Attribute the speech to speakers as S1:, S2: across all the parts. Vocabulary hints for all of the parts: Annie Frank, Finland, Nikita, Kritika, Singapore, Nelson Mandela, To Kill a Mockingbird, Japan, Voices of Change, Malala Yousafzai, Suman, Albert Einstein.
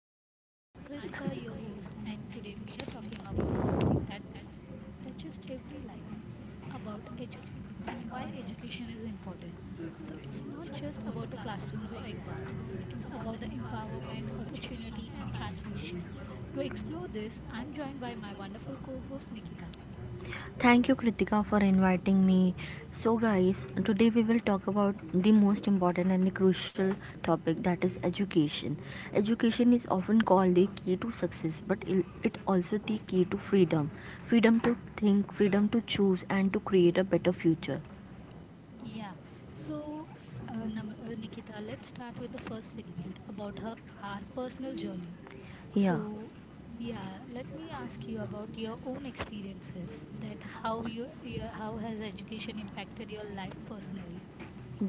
S1: of Change. I'm Kritika, your host, and today we are talking about something that touches every life about education and why education is important. So, it's not just about the classrooms or exams, it's about the empowerment, opportunity, and transformation. To explore this, I'm joined by my wonderful co host Nikita.
S2: Thank you, Kritika, for inviting me. So guys, today we will talk about the most important and the crucial topic that is education. Education is often called the key to success, but it also the key to freedom, freedom to think, freedom to choose, and to create a better future.
S1: Yeah, so Nikita, let's start with the first segment about our personal journey.
S2: Yeah.
S1: So, yeah, let me ask you about your own experiences that how has education impacted your life personally?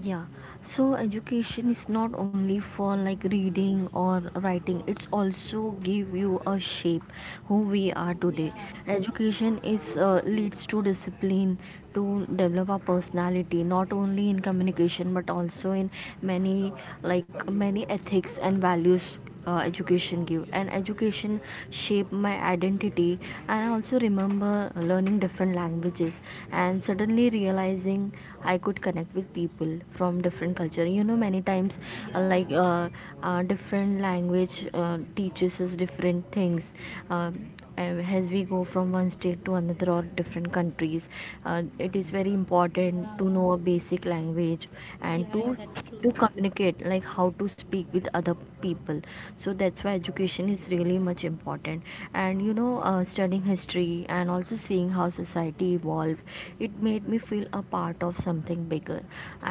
S2: Yeah, so education is not only for like reading or writing, it's also give you a shape who we are today.
S1: Yeah,
S2: Education is leads to discipline to develop our personality not only in communication but also in many like many ethics and values. Education give and education shape my identity, and I also remember learning different languages and suddenly realizing I could connect with people from different culture, you know, many times. uh,
S1: yeah,
S2: like uh, Different language teaches us different things. um, and as we go from one state to another or different countries, it is very important
S1: yeah,
S2: to know a basic language, and
S1: yeah, yeah,
S2: to
S1: that's
S2: to
S1: true.
S2: communicate like how to speak with other people. So that's why education is really much important. And you know, studying history and also seeing how society evolved, it made me feel a part of something bigger,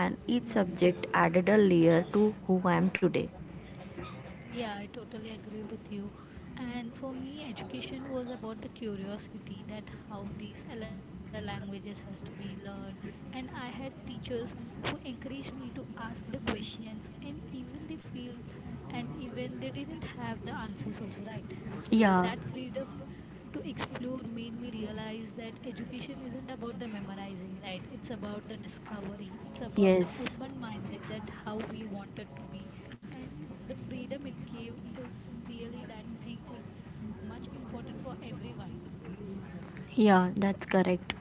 S2: and each
S1: Yeah,
S2: subject
S1: yeah.
S2: added a layer to who I am today.
S1: Yeah, I totally agree with you. And for me, education was about the curiosity that how these other languages has to be learned. And I had teachers who encouraged me to ask the questions, and even they didn't have the answers also, right? So
S2: Yeah.
S1: that freedom to explore made me realize that education isn't about the memorizing, right? It's about the discovery. It's about the
S2: Yes.
S1: open-minded that how we wanted to be, and the freedom it gave is really that thing is much important for everyone.
S2: Yeah, that's correct.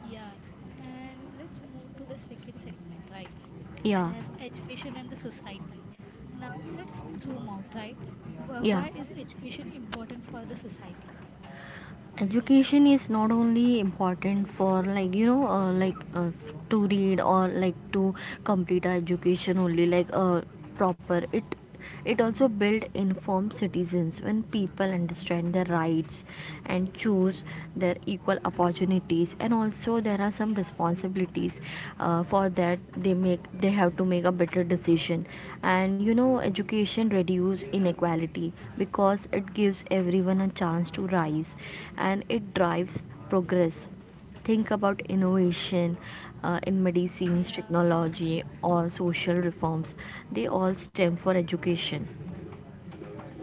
S1: Yeah. And let's move to the second segment, right?
S2: Yeah.
S1: As education and the society. Now, let's zoom out, right? Wh-
S2: Yeah,
S1: why is education important for the society?
S2: education is not only important for to read or like to complete our education only proper it. It also build informed citizens. When people understand their rights and choose their equal opportunities, and also there are some
S1: Yeah,
S2: responsibilities for that they have to make a better decision. And you know, education reduce inequality because it gives everyone a chance to rise, and it drives progress. Think about innovation in medicines,
S1: yeah, that's true.
S2: technology, or social reforms. They all stem for education.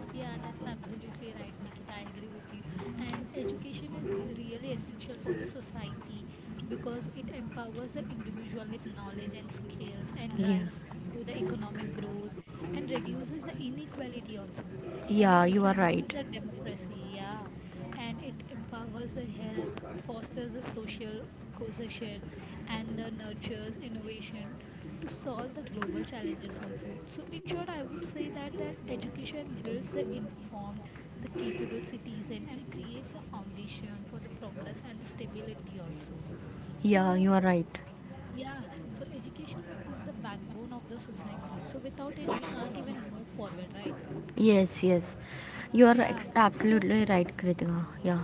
S1: Yeah, that's absolutely right, Nikita. I agree with you. And education is really essential for the society because it empowers the individual with knowledge and skills and
S2: Yeah.
S1: drives through the economic growth and reduces the inequality also. And it
S2: Yeah, you are
S1: strengthens
S2: right.
S1: the democracy, yeah. And it empowers the health, fosters the social cohesion, and the nurtures innovation to solve the global challenges also. So in short, I would say that education builds the informed, the capable citizen and creates a foundation for the progress and the stability also.
S2: Yeah,
S1: So
S2: you are right.
S1: yeah, so education is the backbone of the society. So without it, we can't even move forward, right?
S2: Yes, yes. you are
S1: Yeah.
S2: ex-
S1: So.
S2: absolutely right, Kritika. Yeah.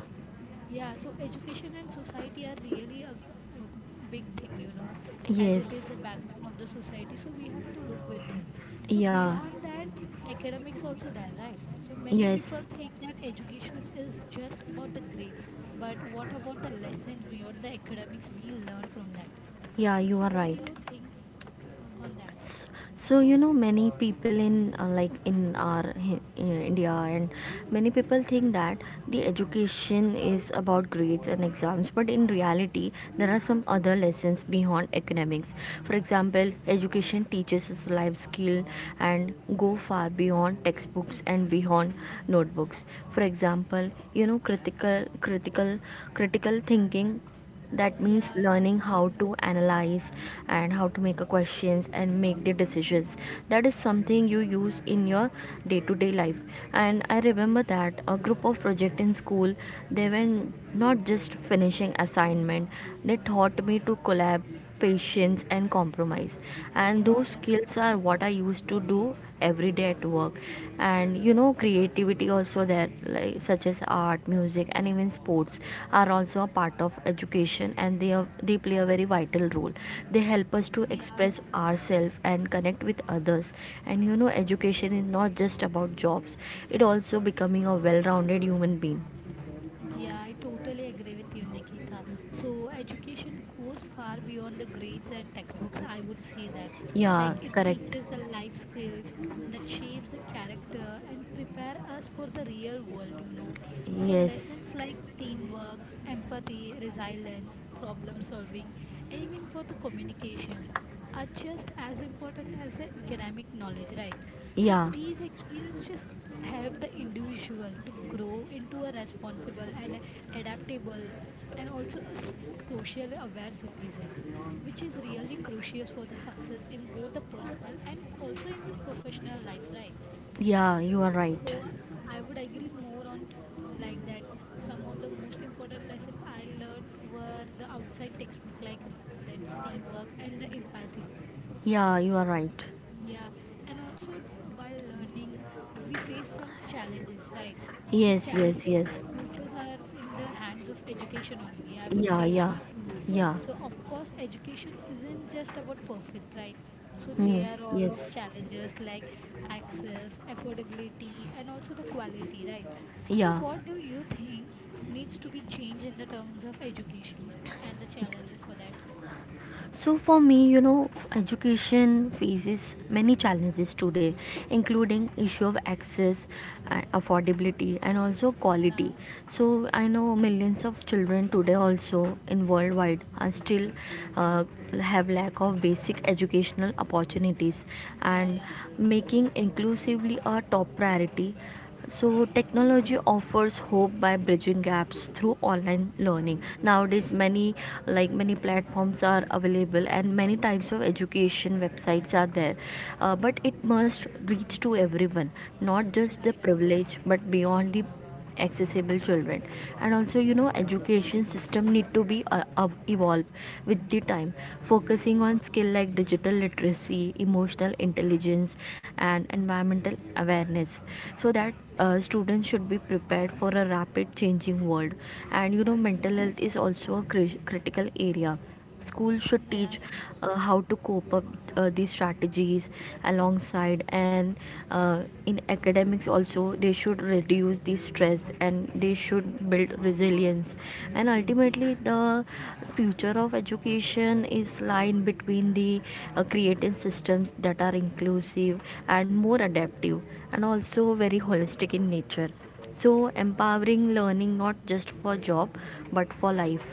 S1: Yeah, so education and society are really a big thing, as it is the
S2: Yes.
S1: backbone of the society. So we have to look with that. So
S2: Yeah.
S1: beyond that, academics also there, right? So many
S2: Yes,
S1: people think that education is just about the grades, but what about the lessons beyond the academics we learn from that?
S2: yeah, you
S1: So
S2: are
S1: what do
S2: right.
S1: you think on that?
S2: S- So you know, many people in, like in our India, and many people think that the education is about grades and exams, but in reality, there are some other lessons beyond academics. For example, education teaches us life skill and go far beyond textbooks and beyond notebooks. For example, you know, critical thinking, that means
S1: Yeah, in the
S2: learning
S1: situation.
S2: how to analyze and how to make a questions and make the decisions. That is something you use in your day to day life. And I remember that a group of project in school, they were not just finishing assignment, they taught me to collab, patience and compromise. And
S1: Yeah,
S2: those
S1: that's right.
S2: skills are what I used to do every day at work. And you know, creativity also there, like such as art, music and even sports are also a part of education, and they play a very vital role. They help us to
S1: Yeah.
S2: express ourselves and connect with others. And you know, education is not just about jobs, it also becoming a well-rounded human being.
S1: Yeah, I totally agree with you, Nikita. So, education goes far beyond the grades and textbooks, I would say that. Like,
S2: Yeah,
S1: it
S2: correct.
S1: teaches the life skills that shapes the character and prepare us for the real world. So,
S2: Yes.
S1: lessons like teamwork, empathy, resilience, problem solving, and even for the communications are just as important as the economic knowledge, right? So,
S2: Yeah.
S1: these experiences just help the individual to grow into a responsible and adaptable and also a social aware citizen which is really crucial for the success in both the personal and also in the professional life, right?
S2: Yeah, you are
S1: So
S2: right.
S1: I would agree more on like that some of the most important lessons I learned were the outside textbook like balance teamwork and the empathy.
S2: Yeah, you are right.
S1: Yeah, and also while learning, we face some challenges, right? So
S2: Yes, yes,
S1: challenges,
S2: yes.
S1: futures are in the hands of education only. I would
S2: Yeah,
S1: say like
S2: yeah, yeah.
S1: so. Of course, education isn't just about perfect, right? So they are all of
S2: Yes,
S1: challenges like access, affordability, and also the quality, right? So
S2: yeah.
S1: what do you think needs to be changed in the terms of education and the challenges for that?
S2: So for me, you know, education faces many challenges today, including issue of access, affordability, and also
S1: Yeah,
S2: quality. So I know millions of children today also in worldwide are still uh, have lack of basic educational opportunities,
S1: yeah,
S2: and
S1: yeah, absolutely.
S2: making inclusively a top priority. So technology offers hope by bridging gaps through online learning. Nowadays, many like many platforms are available and many types of education websites are there. But it must reach to everyone, not just
S1: Yeah,
S2: the
S1: yeah,
S2: privileged, but beyond the accessible children. And also you know, education system need to be, evolve with the time, focusing on skill like digital literacy, emotional intelligence, and environmental awareness, so that students should be prepared for a rapid changing world. And you know, mental
S1: yeah,
S2: health is also a critical area. School should
S1: yeah,
S2: teach
S1: yeah.
S2: how to cope up these strategies alongside, and in academics also they should reduce the stress and they should build resilience. And ultimately, the future of education is lying between the, creating systems that are inclusive and more adaptive, and also very holistic in nature. So empowering learning not just for job, but for life.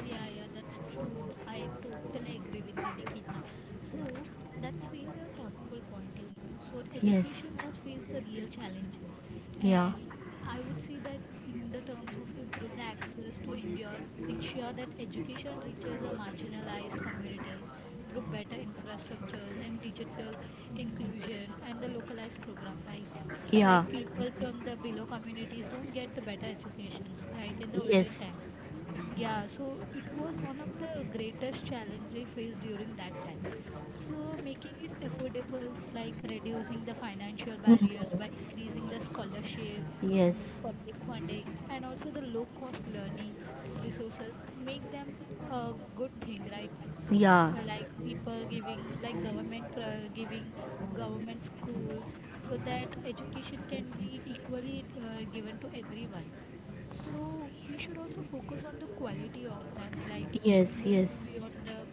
S1: Yeah, yeah, that's true. I totally agree with you, Nikita. So that's really a thoughtful point. So
S2: Yes.
S1: education does face the real challenges,
S2: Yeah.
S1: and I would say that in the terms of improve the access to ensure that education reaches the marginalized communities through better infrastructures and digital inclusion and the localized program, right? Like
S2: Yeah.
S1: people from the below communities don't get the better educations, right? In the olden
S2: Yes.
S1: times, yeah, so it was one of the greatest challenge they faced during that time. So making it affordable, like reducing the financial barriers
S2: Mhm.
S1: by increasing the scholarship,
S2: Yes.
S1: public funding, and also the low cost learning resources, make them a good thing, right?
S2: Yeah.
S1: Like people giving government schools, so that education can be equally given to everyone. So we should also focus on the quality of that, like
S2: Yes.
S1: moving
S2: Yes.
S1: beyond the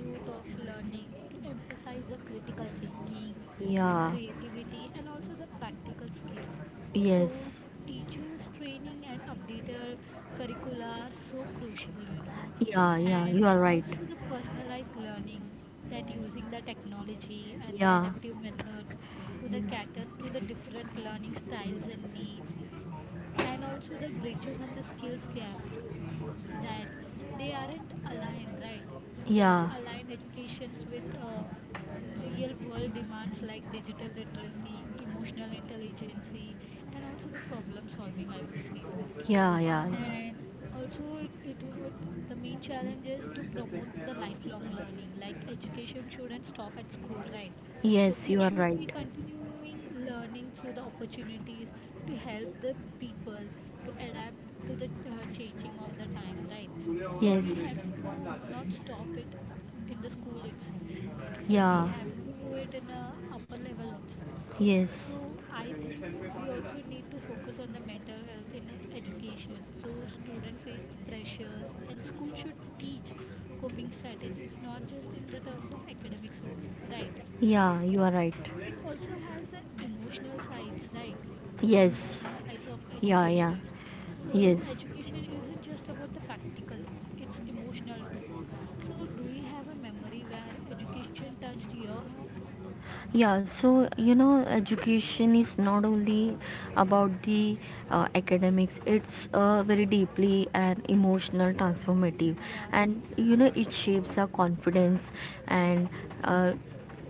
S1: route of learning to emphasize the critical thinking and
S2: Yeah.
S1: creativity and also the practical skills.
S2: Yes.
S1: So teachers training and updated curricula are so crucial,
S2: Yeah. Yeah, you
S1: and
S2: are right.
S1: also the personalized learning that using the technology and the
S2: Yeah.
S1: adaptive methods to the cater to the different learning styles and needs and also the bridges and the skills gap that they aren't aligned, right? For
S2: Yeah.
S1: aligned educations with real world demands like digital literacy emotional intelligence and also the problem solving, I would say that.
S2: Yeah. Yeah.
S1: And also, the main challenge is to promote the lifelong learning. Like education shouldn't stop at school, right? So
S2: Yes.
S1: it
S2: You are
S1: should be
S2: right.
S1: continuing learning through the opportunities to help the people to adapt to the changing of the time, right? So we
S2: Yes.
S1: have to not stop it in the school itself. So we
S2: Yeah.
S1: have to do it in a upper level also.
S2: Yes.
S1: So I think we also need to focus on the mental health in education. So students face pressures and school should teach coping strategies not just in the terms of academics only, right?
S2: Yeah, you are right.
S1: So it also has the emotional sides, right?
S2: Yes.
S1: Emotional sides of
S2: Yeah. Yeah.
S1: education. So
S2: Yes.
S1: education isn't just about the practical, it's emotional too. So do you have a memory where education touched your heart?
S2: Yeah, so you know, education is not only about the, academics, it's, very deeply and emotional transformative.
S1: Yeah,
S2: And you know, it shapes our confidence and uh,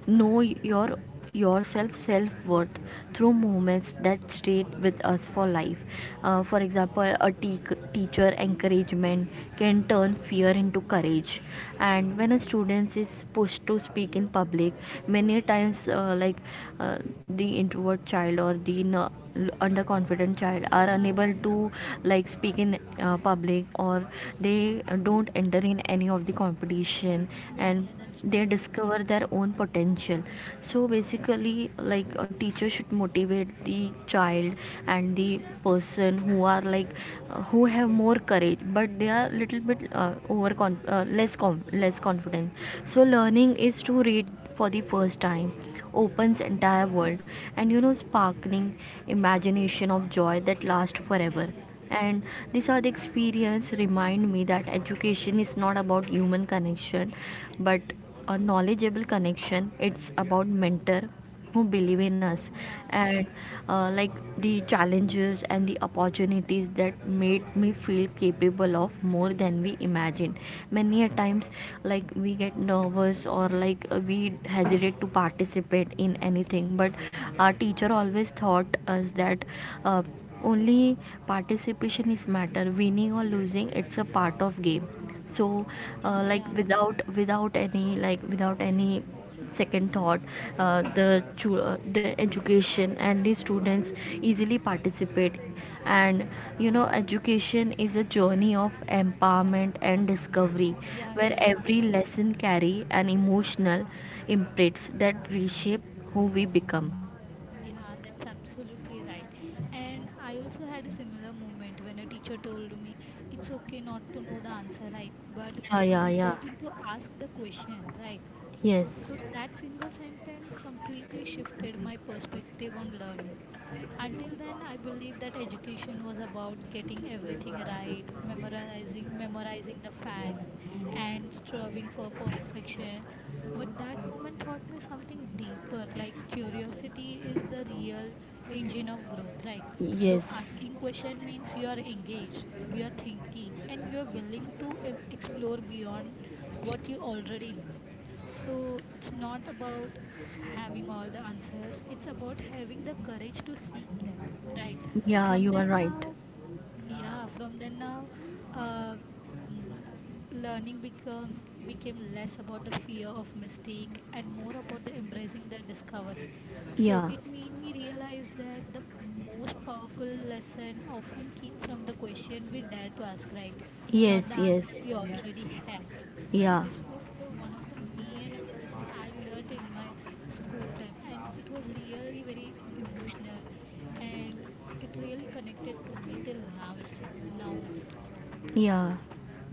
S2: know your, yourself, self worth through moments that stayed with us for life. For example, a teacher encouragement can turn fear into courage. And when a student is pushed to speak in public, many times, the introvert child or the underconfident child are
S1: yeah,
S2: unable to like speak in public, or they don't enter in any of the competition,
S1: yeah,
S2: and
S1: yeah, that's
S2: they
S1: true.
S2: discover their own potential. So basically, like a teacher should motivate the child and the person who are like, who have more courage but they are little bit, uh, less confident. So learning is to read for the first time, opens entire
S1: Yeah,
S2: world, and you know, sparkling imagination of joy that lasts
S1: yeah,
S2: forever.
S1: yeah,
S2: And these are the experience remind me that education is not about human connection, but a knowledgeable connection. It's about mentor who believe in us
S1: yeah,
S2: and, uh, like the challenges and the opportunities that made me feel capable of more than we imagined. Many a times like we get nervous or like, we hesitate to participate in anything, but our teacher always taught us that, uh, only participation is matter, winning or losing it's a part of game. So uh,
S1: yeah,
S2: like
S1: yeah,
S2: without without any like without any second thought, the education and the students easily participate. And you know, education is a journey of empowerment and discovery,
S1: yeah,
S2: where
S1: yeah,
S2: every
S1: true.
S2: lesson carry an emotional imprints that reshape who we become.
S1: Yeah, that's absolutely right. And I also had a similar moment when a teacher told me it's okay not to know the answer, right? But
S2: Yeah.
S1: it's
S2: Yeah. Yeah.
S1: important to ask the question, right?
S2: Yes.
S1: So that single sentence completely shifted my perspective on learning. Until then, I believed that education was about getting everything right, memorizing the facts, and striving for perfection. But that moment taught me something deeper, like curiosity is the real engine of growth, right? So
S2: Yes.
S1: asking question means you are engaged, you are thinking, and you are willing to explore beyond what you already know. So it's not about having all the answers. It's about having the courage to seek them, right?
S2: Yeah,
S1: From
S2: you are
S1: then
S2: right.
S1: now, yeah, from then now, um, learning become became less about the fear of mistake and more about the embracing the discovery. So
S2: Yeah.
S1: it made me realize that the most powerful lesson often came from the question we dare to ask, right?
S2: Yes.
S1: Not the
S2: Yes.
S1: answer we already have. So
S2: Yeah.
S1: this was the one of the main lesson I learned in my school time, and it was really very emotional, and it really connected to me till now itself now also.
S2: Yeah,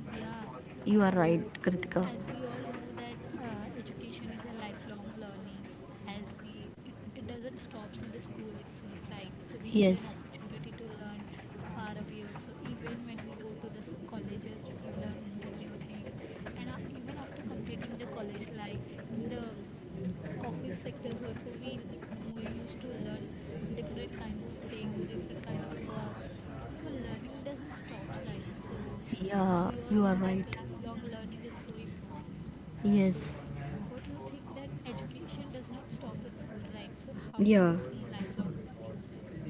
S1: Yeah.
S2: you are right,
S1: So
S2: Kritika.
S1: as we all know that education is a lifelong learning, as it doesn't stops in the school itself, right? So we get an
S2: Yes,
S1: opportunity to learn far away also. Even when we go to the colleges we learn more new things, and even after completing the college life in the office sectors also we used to learn different kinds of things, different kind of works. So learning doesn't stop, right? So as
S2: yeah,
S1: we all
S2: you are
S1: know that
S2: right.
S1: lifelong learning is so important. So
S2: Yes,
S1: what do you think that education does not stop with school, right? So how do you
S2: yeah,
S1: see lifelong learning?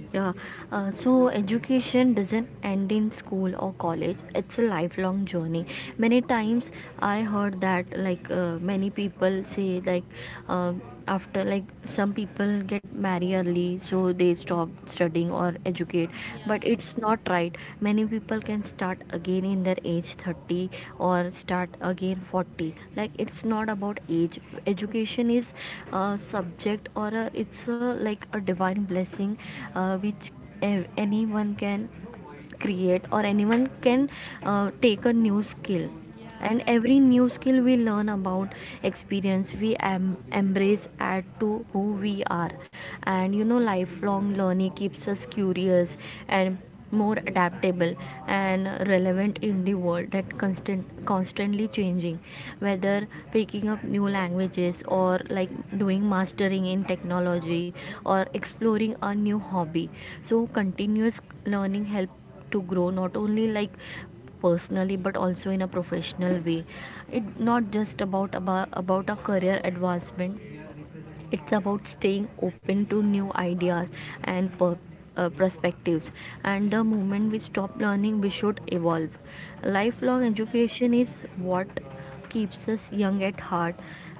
S2: yeah. So education doesn't end in school or college, it's a lifelong journey. Many times I heard that, like, many people say, like, um after, like, some people get married early, so they stop studying or education it.
S1: Yeah,
S2: But it's not right. Many people can start again in their age 30, or start again 40. Like it's not about age. Education is a subject or a, it's a, like a divine blessing, which anyone can create, or anyone can take a new skill.
S1: yeah,
S2: And
S1: right.
S2: every new skill we learn about, experience we embrace, add to who we are. And you know, lifelong learning keeps us curious and more
S1: Absolutely right.
S2: adaptable and relevant in the world that constantly changing, whether picking up new languages, or like doing mastering in technology, or exploring a new hobby. So continuous learning help to grow not only like personally, but also in a professional way. It's not just about a career advancement. It's about staying open to new ideas and perspectives. And the moment we stop learning, we should evolve. Lifelong
S1: Yeah, yeah,
S2: education
S1: true.
S2: is what keeps us young at heart.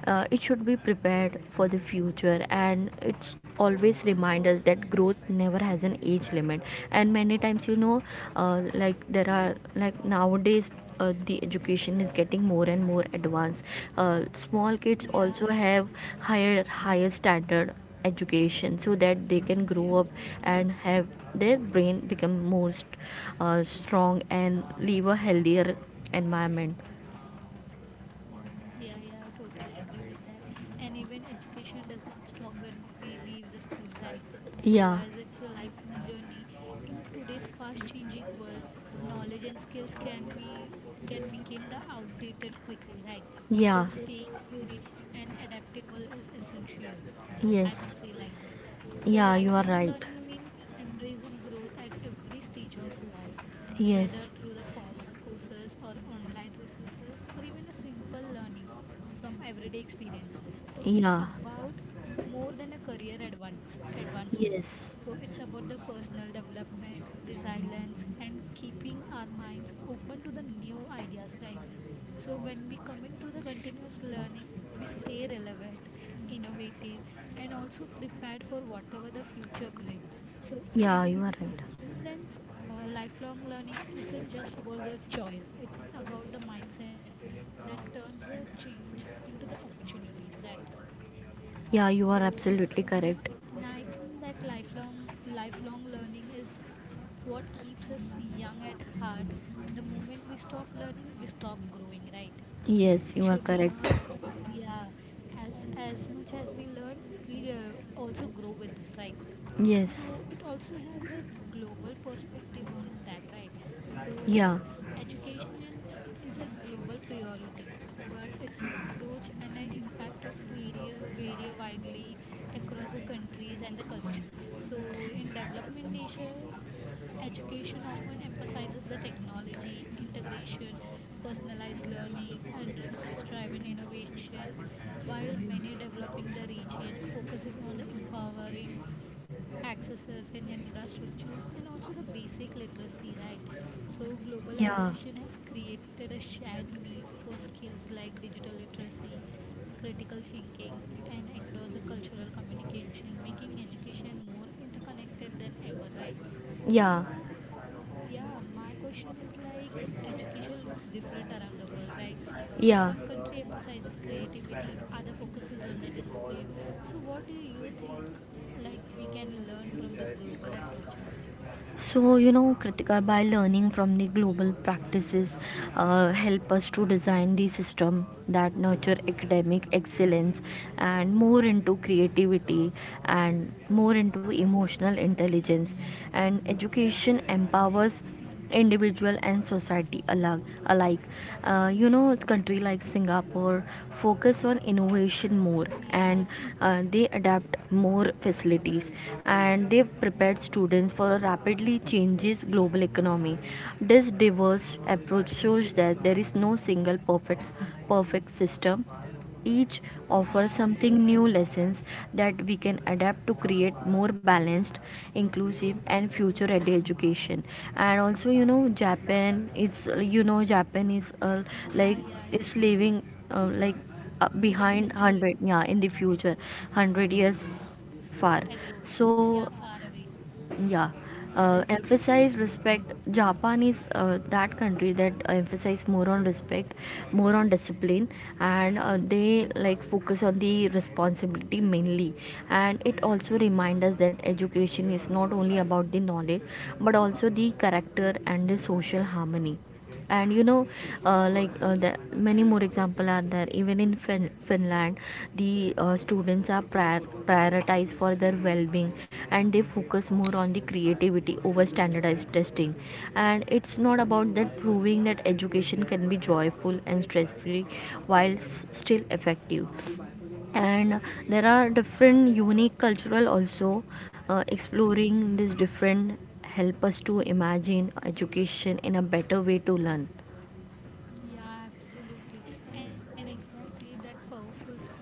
S2: It should be prepared for the future, and it's always remind us that growth never has an age limit. And many times you know, like there are like nowadays, the education is getting more and more advanced. uh, Small kids
S1: Yeah,
S2: also have higher standard education, so that they can
S1: yeah,
S2: grow
S1: yeah,
S2: up
S1: true,
S2: and
S1: true.
S2: have their brain become more strong, and live a healthier environment.
S1: Yeah, yeah, I totally agree with that. And even education does not stop when we leave the school, right? So, as
S2: Yeah.
S1: it's a lifelong journey, in today's fast-changing world, knowledge and skills can become the outdated quickly, right? So,
S2: Yeah.
S1: staying curious and adaptable is essential. I
S2: Yes.
S1: would say like that. So,
S2: Yeah, you are
S1: lifelong
S2: right.
S1: learning means embracing growth at every stage of life,
S2: Yes.
S1: whether through the formal courses or online resources or even a simple learning from everyday experiences. So it's
S2: Yeah.
S1: about more than a career advancement.
S2: Yes.
S1: So it's about the personal development, resilience, and keeping our minds open to the new ideas, right? So when we commit to the continuous learning, we stay relevant, innovative, and also prepared for whatever the future brings. So
S2: Yeah, you are
S1: in
S2: right.
S1: in sense, lifelong learning isn't just about the choice; it's about the mindset that turns the change into the opportunities, right?
S2: Yeah, you are
S1: So,
S2: absolutely
S1: and uh,
S2: correct.
S1: and I think that lifelong learning is what keeps us young at heart. The moment we stop learning, we stop growing, right? We
S2: Yes, you
S1: should
S2: are
S1: learn,
S2: correct.
S1: yeah. As as much as we learn, we also grow with that, right?
S2: Yes.
S1: So it also has a global perspective on that, right? So uh,
S2: Yeah.
S1: Education is a global priority, but it's an approach and an impact of vary widely across the countries and the cultures. So in development nations, education often emphasizes the technology integration, personalized learning, and research-driven innovations, while many developing the regions focusing on the empowering accesses and infrastructures and also the basic literacy, right? So
S2: Yeah,
S1: globalization has created a shared need for skills like digital literacy, critical thinking, and across the cultural communication, making education more interconnected than ever, right?
S2: yeah,
S1: so, yeah, my question is like education looks different around the world, right? So, some
S2: yeah.
S1: country emphasizes creativity, other focuses on the discipline. So, what do you think like we can learn from the global approaches?
S2: So you know, Kritika, by learning from the global practices, help us to design the system that nurture academic excellence and more into creativity and more into emotional intelligence. And education empowers individual and society alike. Alike. You know, country like Singapore focus on innovation more,
S1: Yeah,
S2: and they adapt more facilities, and they've prepared students for a rapidly changes global economy. This diverse approach shows that there is no single perfect system, each offer
S1: yeah, right.
S2: something new lessons that we can adapt to create more balanced, inclusive and future ready education. And also, you know, japan is
S1: Yeah,
S2: like
S1: yeah.
S2: is leaving uh, like
S1: In the
S2: behind
S1: future
S2: 100,
S1: itself,
S2: yeah, in the
S1: yeah.
S2: future. 100 years far,
S1: I go.
S2: so
S1: Yeah, far away.
S2: yeah.
S1: Yeah, that's true.
S2: Emphasize respect Japan is that country that emphasize more on respect, more on discipline, and they like focus on the responsibility mainly. And it also reminds us that education is not only about the knowledge, but also the character and the social harmony. And you know, the many more example are there. Even in finland, the students are prioritized for their well-being, and they focus more on the creativity over standardized testing. And it's not about that, proving that education can be joyful and stress-free while still effective. And there are different unique cultural also. Exploring this different help us to imagine education in a better way to learn.
S1: Yeah, absolutely. And exactly that powerful side,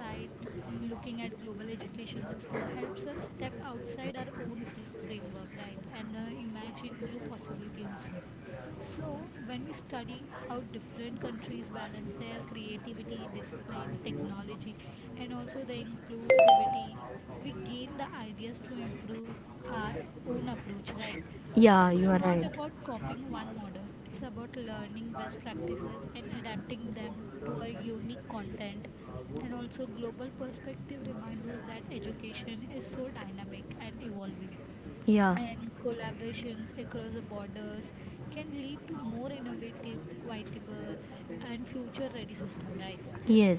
S1: looking at global education system helps us step outside our own framework, right? And imagine new possibility also. So, when we study how different countries balance their creativity, discipline, technology, and also the inclusivity, we gain the ideas to improve our own approach, right? So,
S2: Yeah, you
S1: it's
S2: are
S1: not
S2: right.
S1: about copying one model, it's about learning best practices and adapting them to our unique content. And also, global perspective reminds us that education is so dynamic and evolving,
S2: Yeah.
S1: and collaborations across the borders can lead to more innovative, quotable, and future-ready system, right?
S2: Yes,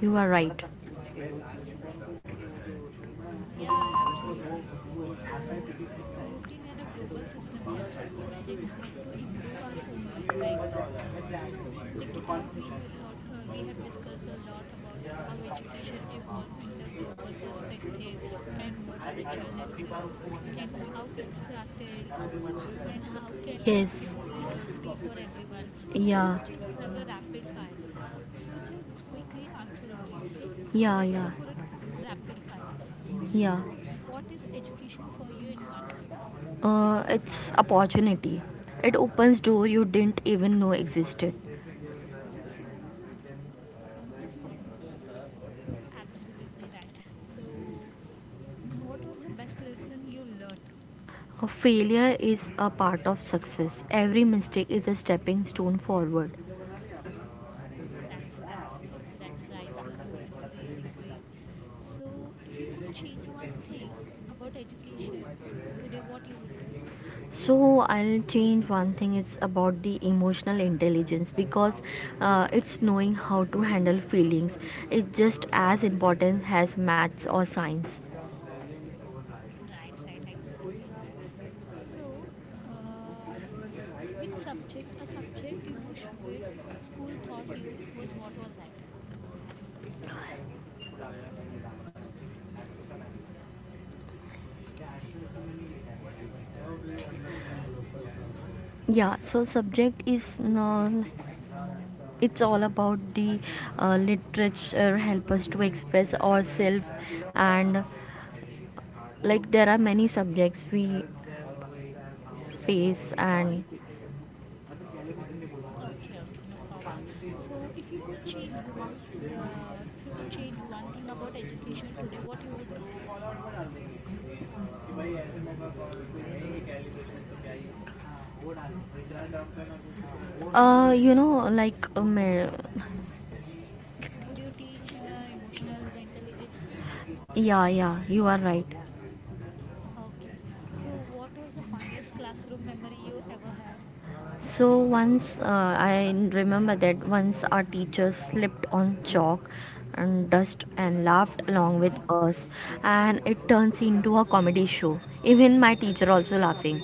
S2: you are right.
S1: Yeah, absolutely. So looking at a global system helps us imagine how to improve our own life, right? So, Nikita, we have discussed a lot about how education evolved in the global perspective and what are the challenges and how it started and how can
S2: Yes.
S1: it be free for everyone. So, let's
S2: Yeah,
S1: just have a rapid fire. So, just quickly answer only, okay? So,
S2: yeah,
S1: let's go
S2: yeah,
S1: for a rapid fire. So,
S2: yeah.
S1: what is education for you in one word?
S2: It's opportunity. It opens door you didn't even know existed.
S1: Absolutely right. So, what was the best lesson you learned?
S2: A failure is a part of success. Every mistake is a stepping stone forward.
S1: That's absolutely that's right. You know, it's really great. So, if you could change one thing about education today, what you would do?
S2: So I'll change one thing. It's about the emotional intelligence, because it's knowing how to handle feelings. It's just as important as maths or science.
S1: Right, right, exactly right. So, uh, which subject? A subject you wish with school taught you was what was that?
S2: Yeah, so subject is no. It's all about the literature help us to express ourselves. And like there are many subjects we face.
S1: Okay,
S2: And
S1: okay, okay, no problem. So, if you could change one, if you could change one thing about education today, what you would do?
S2: uh you know like um, uh,
S1: Would you teach in emotional intelligence?
S2: yeah, yeah, you are right.
S1: Okay. So, what was the funniest classroom memory you ever had?
S2: So once, I remember that once our teacher slipped on chalk and dust and laughed along with us, and it turns into a comedy show. Even my teacher also laughing.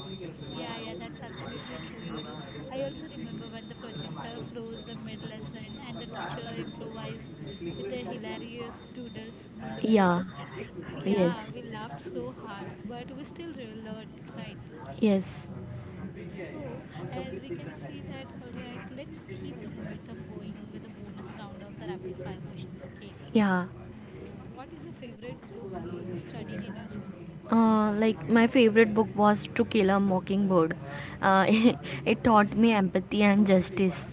S1: Yeah, yeah, that's absolutely true. You know, I also remember when the projector froze the mid lesson and the teacher improvised with the hilarious doodles on the
S2: Yeah.
S1: board. Yeah,
S2: Yes.
S1: we laughed so hard, but we still learned, right?
S2: Yes.
S1: So, as we can see that, all right, let's keep the momentum going with the bonus round of the rapid fire questions, okay?
S2: Yeah.
S1: So, what is your favorite book you studied in your school?
S2: Like my favorite book was To Kill a Mockingbird. It taught me empathy and justice.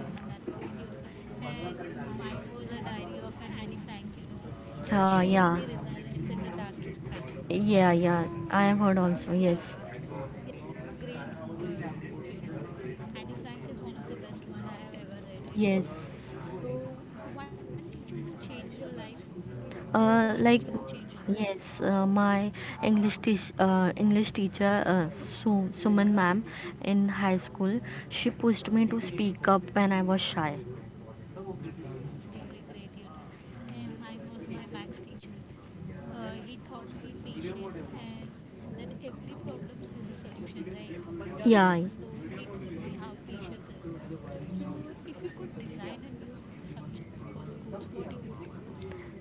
S1: Yeah, that's great, you know. And mine was a diary of Annie Frank, you know. It showed
S2: Yeah.
S1: me resilience in the darkest time.
S2: Yeah, yeah.
S1: So,
S2: I have heard also. Yes.
S1: yeah, yeah, great book, you know. Annie Frank is one of the best one I have ever read it.
S2: Yes.
S1: So, one teacher who changed your life, who was the one teacher
S2: Like
S1: who changed your life?
S2: yes, my English teacher, Suman ma'am in high school, she pushed me to speak up when I was shy.
S1: That's really great, you know. And mine was my max teacher. He taught me patience and that every problem has a solution, right?
S2: Yeah.
S1: So he taught me how patience is. So if you could design a new subject for schools, what you would do?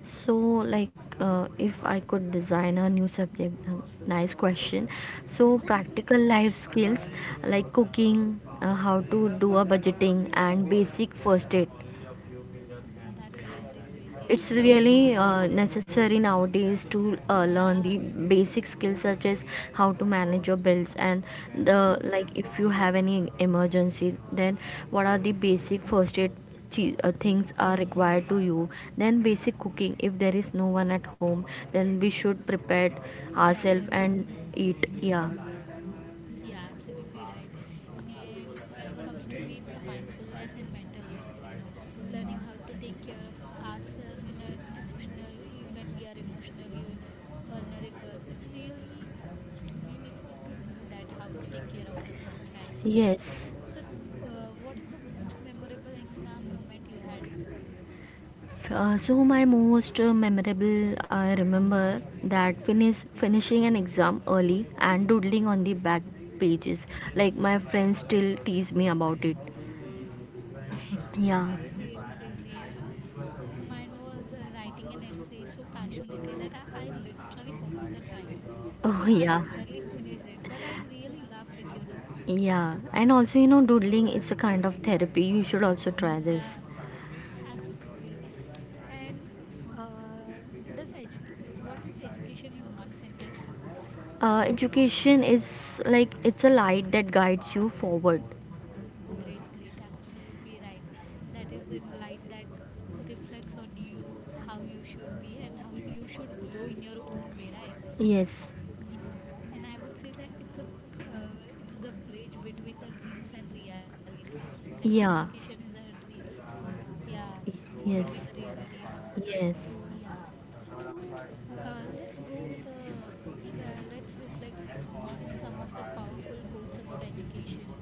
S2: So like, if I could design a new subject, nice question. So practical life skills, like cooking, how to do a budgeting and basic first aid.
S1: That's really great, you
S2: It's
S1: know.
S2: really necessary nowadays to learn
S1: Yeah,
S2: the basic skills, such as how to manage your bills. And the
S1: absolutely.
S2: like, if you have any emergency, then what are the basic first aid things are required to you. Then basic cooking, if there is no one at home, then we should prepare
S1: Yeah,
S2: ourselves
S1: yeah, we
S2: and
S1: should know the
S2: eat.
S1: basic thing.
S2: Yeah.
S1: Yeah, absolutely right. And when it comes to me, it's a mindfulness and mental health, you know, learning how to take care of ourselves in an emotional, e, when we are emotionally vulnerable. It's really, we need to know that how to take care of ourselves, right?
S2: Yes.
S1: So, what is the most memorable exam moment you had?
S2: So my most memorable, I remember that finishing an exam early and doodling on the back pages. Like my friends still tease me about it. Yeah.
S1: It's really crazy, you know. So, mine was writing an essay so passionately that I literally forgot the time.
S2: Oh,
S1: So, I
S2: yeah.
S1: barely finished it, but I really loved it, you know.
S2: Yeah, and also, you know, doodling is a kind of therapy. You should also try
S1: Yeah,
S2: this.
S1: absolutely. And uh, does what is education in one sentence, you would say?
S2: Uh, education is like, it's a light that guides you forward.
S1: Great, great, absolutely right. That is in light that reflects on you, how you should be, and how you should glow in your own way, right?
S2: Yes.
S1: Yeah. And I would say that it's a it's the bridge between the dreams and reality. That education
S2: Yeah.
S1: is our dreams, yeah, between
S2: Yes.
S1: the reality, you know.
S2: Yes.
S1: Yeah. So let's go with a let's reflect on some of the powerful quotes about education.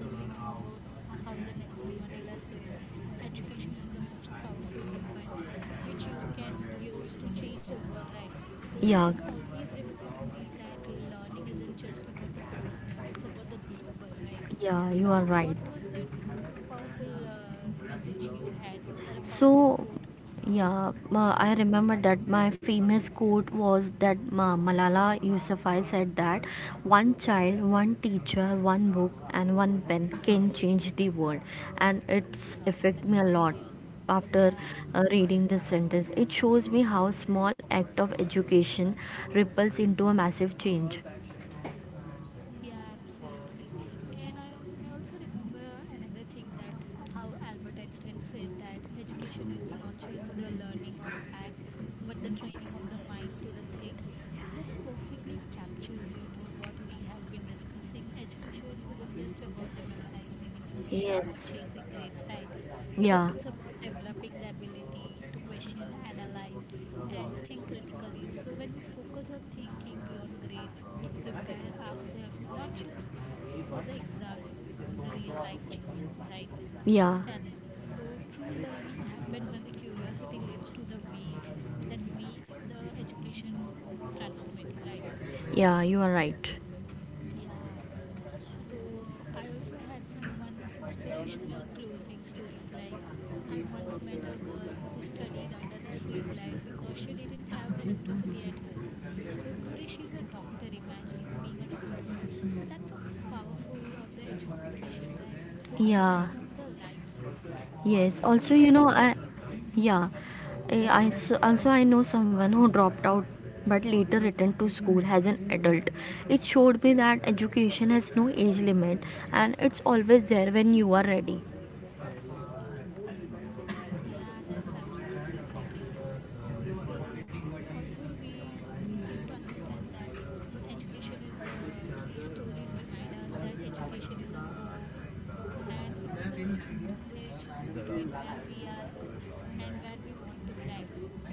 S1: As we know about how the Nelson Mandela said, education is the most powerful weapon which you can use to change the world, right? So
S2: Yeah,
S1: that's always reminds me that learning isn't just about the personal, it's about the global, right?
S2: yeah, you
S1: So
S2: are
S1: what
S2: right.
S1: was that one powerful message you had or a powerful
S2: So,
S1: quote?
S2: yeah, I remember that my famous quote was that Malala Yousafzai said that one child, one teacher, one book, and one pen can change the world, and it's
S1: Uh,
S2: affect me
S1: that's
S2: a lot.
S1: really awesome.
S2: After
S1: Yeah,
S2: reading this sentence, it shows me how small act of education ripples into a massive change.
S1: yeah, absolutely. And I also remember another thing that how Albert Einstein said that education is not just the learning of fact, but the training of the mind to the thing. That perfectly captures, you know, what we have been discussing. Education isn't just about the memorizing information
S2: Yes.
S1: or chasing grades, right? So
S2: Yeah.
S1: it's about developing the ability to question, analyze, and think critically. So, when we focus on thinking beyond grades, we prepare ourselves not just for the exams, for the real life changing, right?
S2: Yeah.
S1: Challenges. So, true learning happens when the curiosity leads to the way that makes the education more transformative, right?
S2: Yeah, you are right.
S1: Yeah. So I also had some one inspirational closing stories like I once met a girl who studied under the street light because she didn't have electricity at home. So today she's a doctor, imagine being a doctor. So that's so powerful of the education, right? So it
S2: Yeah.
S1: transforms our lives. So
S2: Yes,
S1: do you
S2: also,
S1: have
S2: you know,
S1: any?
S2: I,
S1: Hmm.
S2: yeah, I s- also I know someone who dropped out but later returned to school as an adult. It showed me that education has no age limit, and it's always there when you are ready.
S1: Yeah, that's absolutely great, you know. So also we came to understand that education is the, these stories remind us that education is a hope and it's the bridge between where we are and where we want to be, right?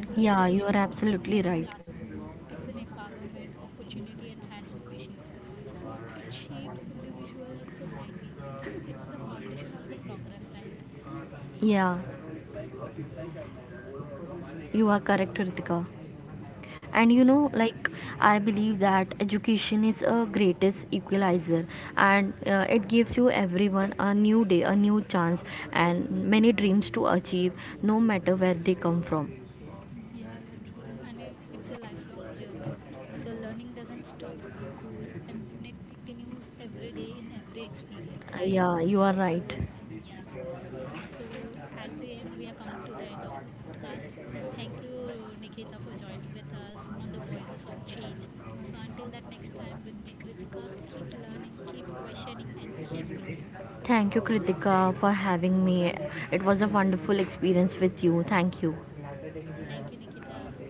S1: So,
S2: Yeah, you are
S1: education is more
S2: absolutely
S1: than a
S2: right.
S1: classroom, it's an empowerment, opportunity, and transformation. So, it shapes individuals and societies, and it's the foundation of the progress, right?
S2: Yeah, you are correct, Ritika. And you know,
S1: Yeah,
S2: like, I believe that education is a greatest equalizer, and it gives you everyone a new day, a new chance, and many dreams to achieve, no matter where they come from.
S1: yeah, yeah, true. And it's a lifelong journey. So, learning doesn't stop at school and it continues every day in every experience, right?
S2: Yeah, you
S1: So,
S2: are right.
S1: yeah. So, at the end, we are coming to the end of our podcast. Thank you, Nikita, for joining with us on the Voices of Change. So, until that next time, with me, Kritika, keep learning, keep questioning, and keep growing.
S2: Thank you, Kritika, for having me. It was a wonderful experience with you. Thank you.
S1: Thank you, Nikita.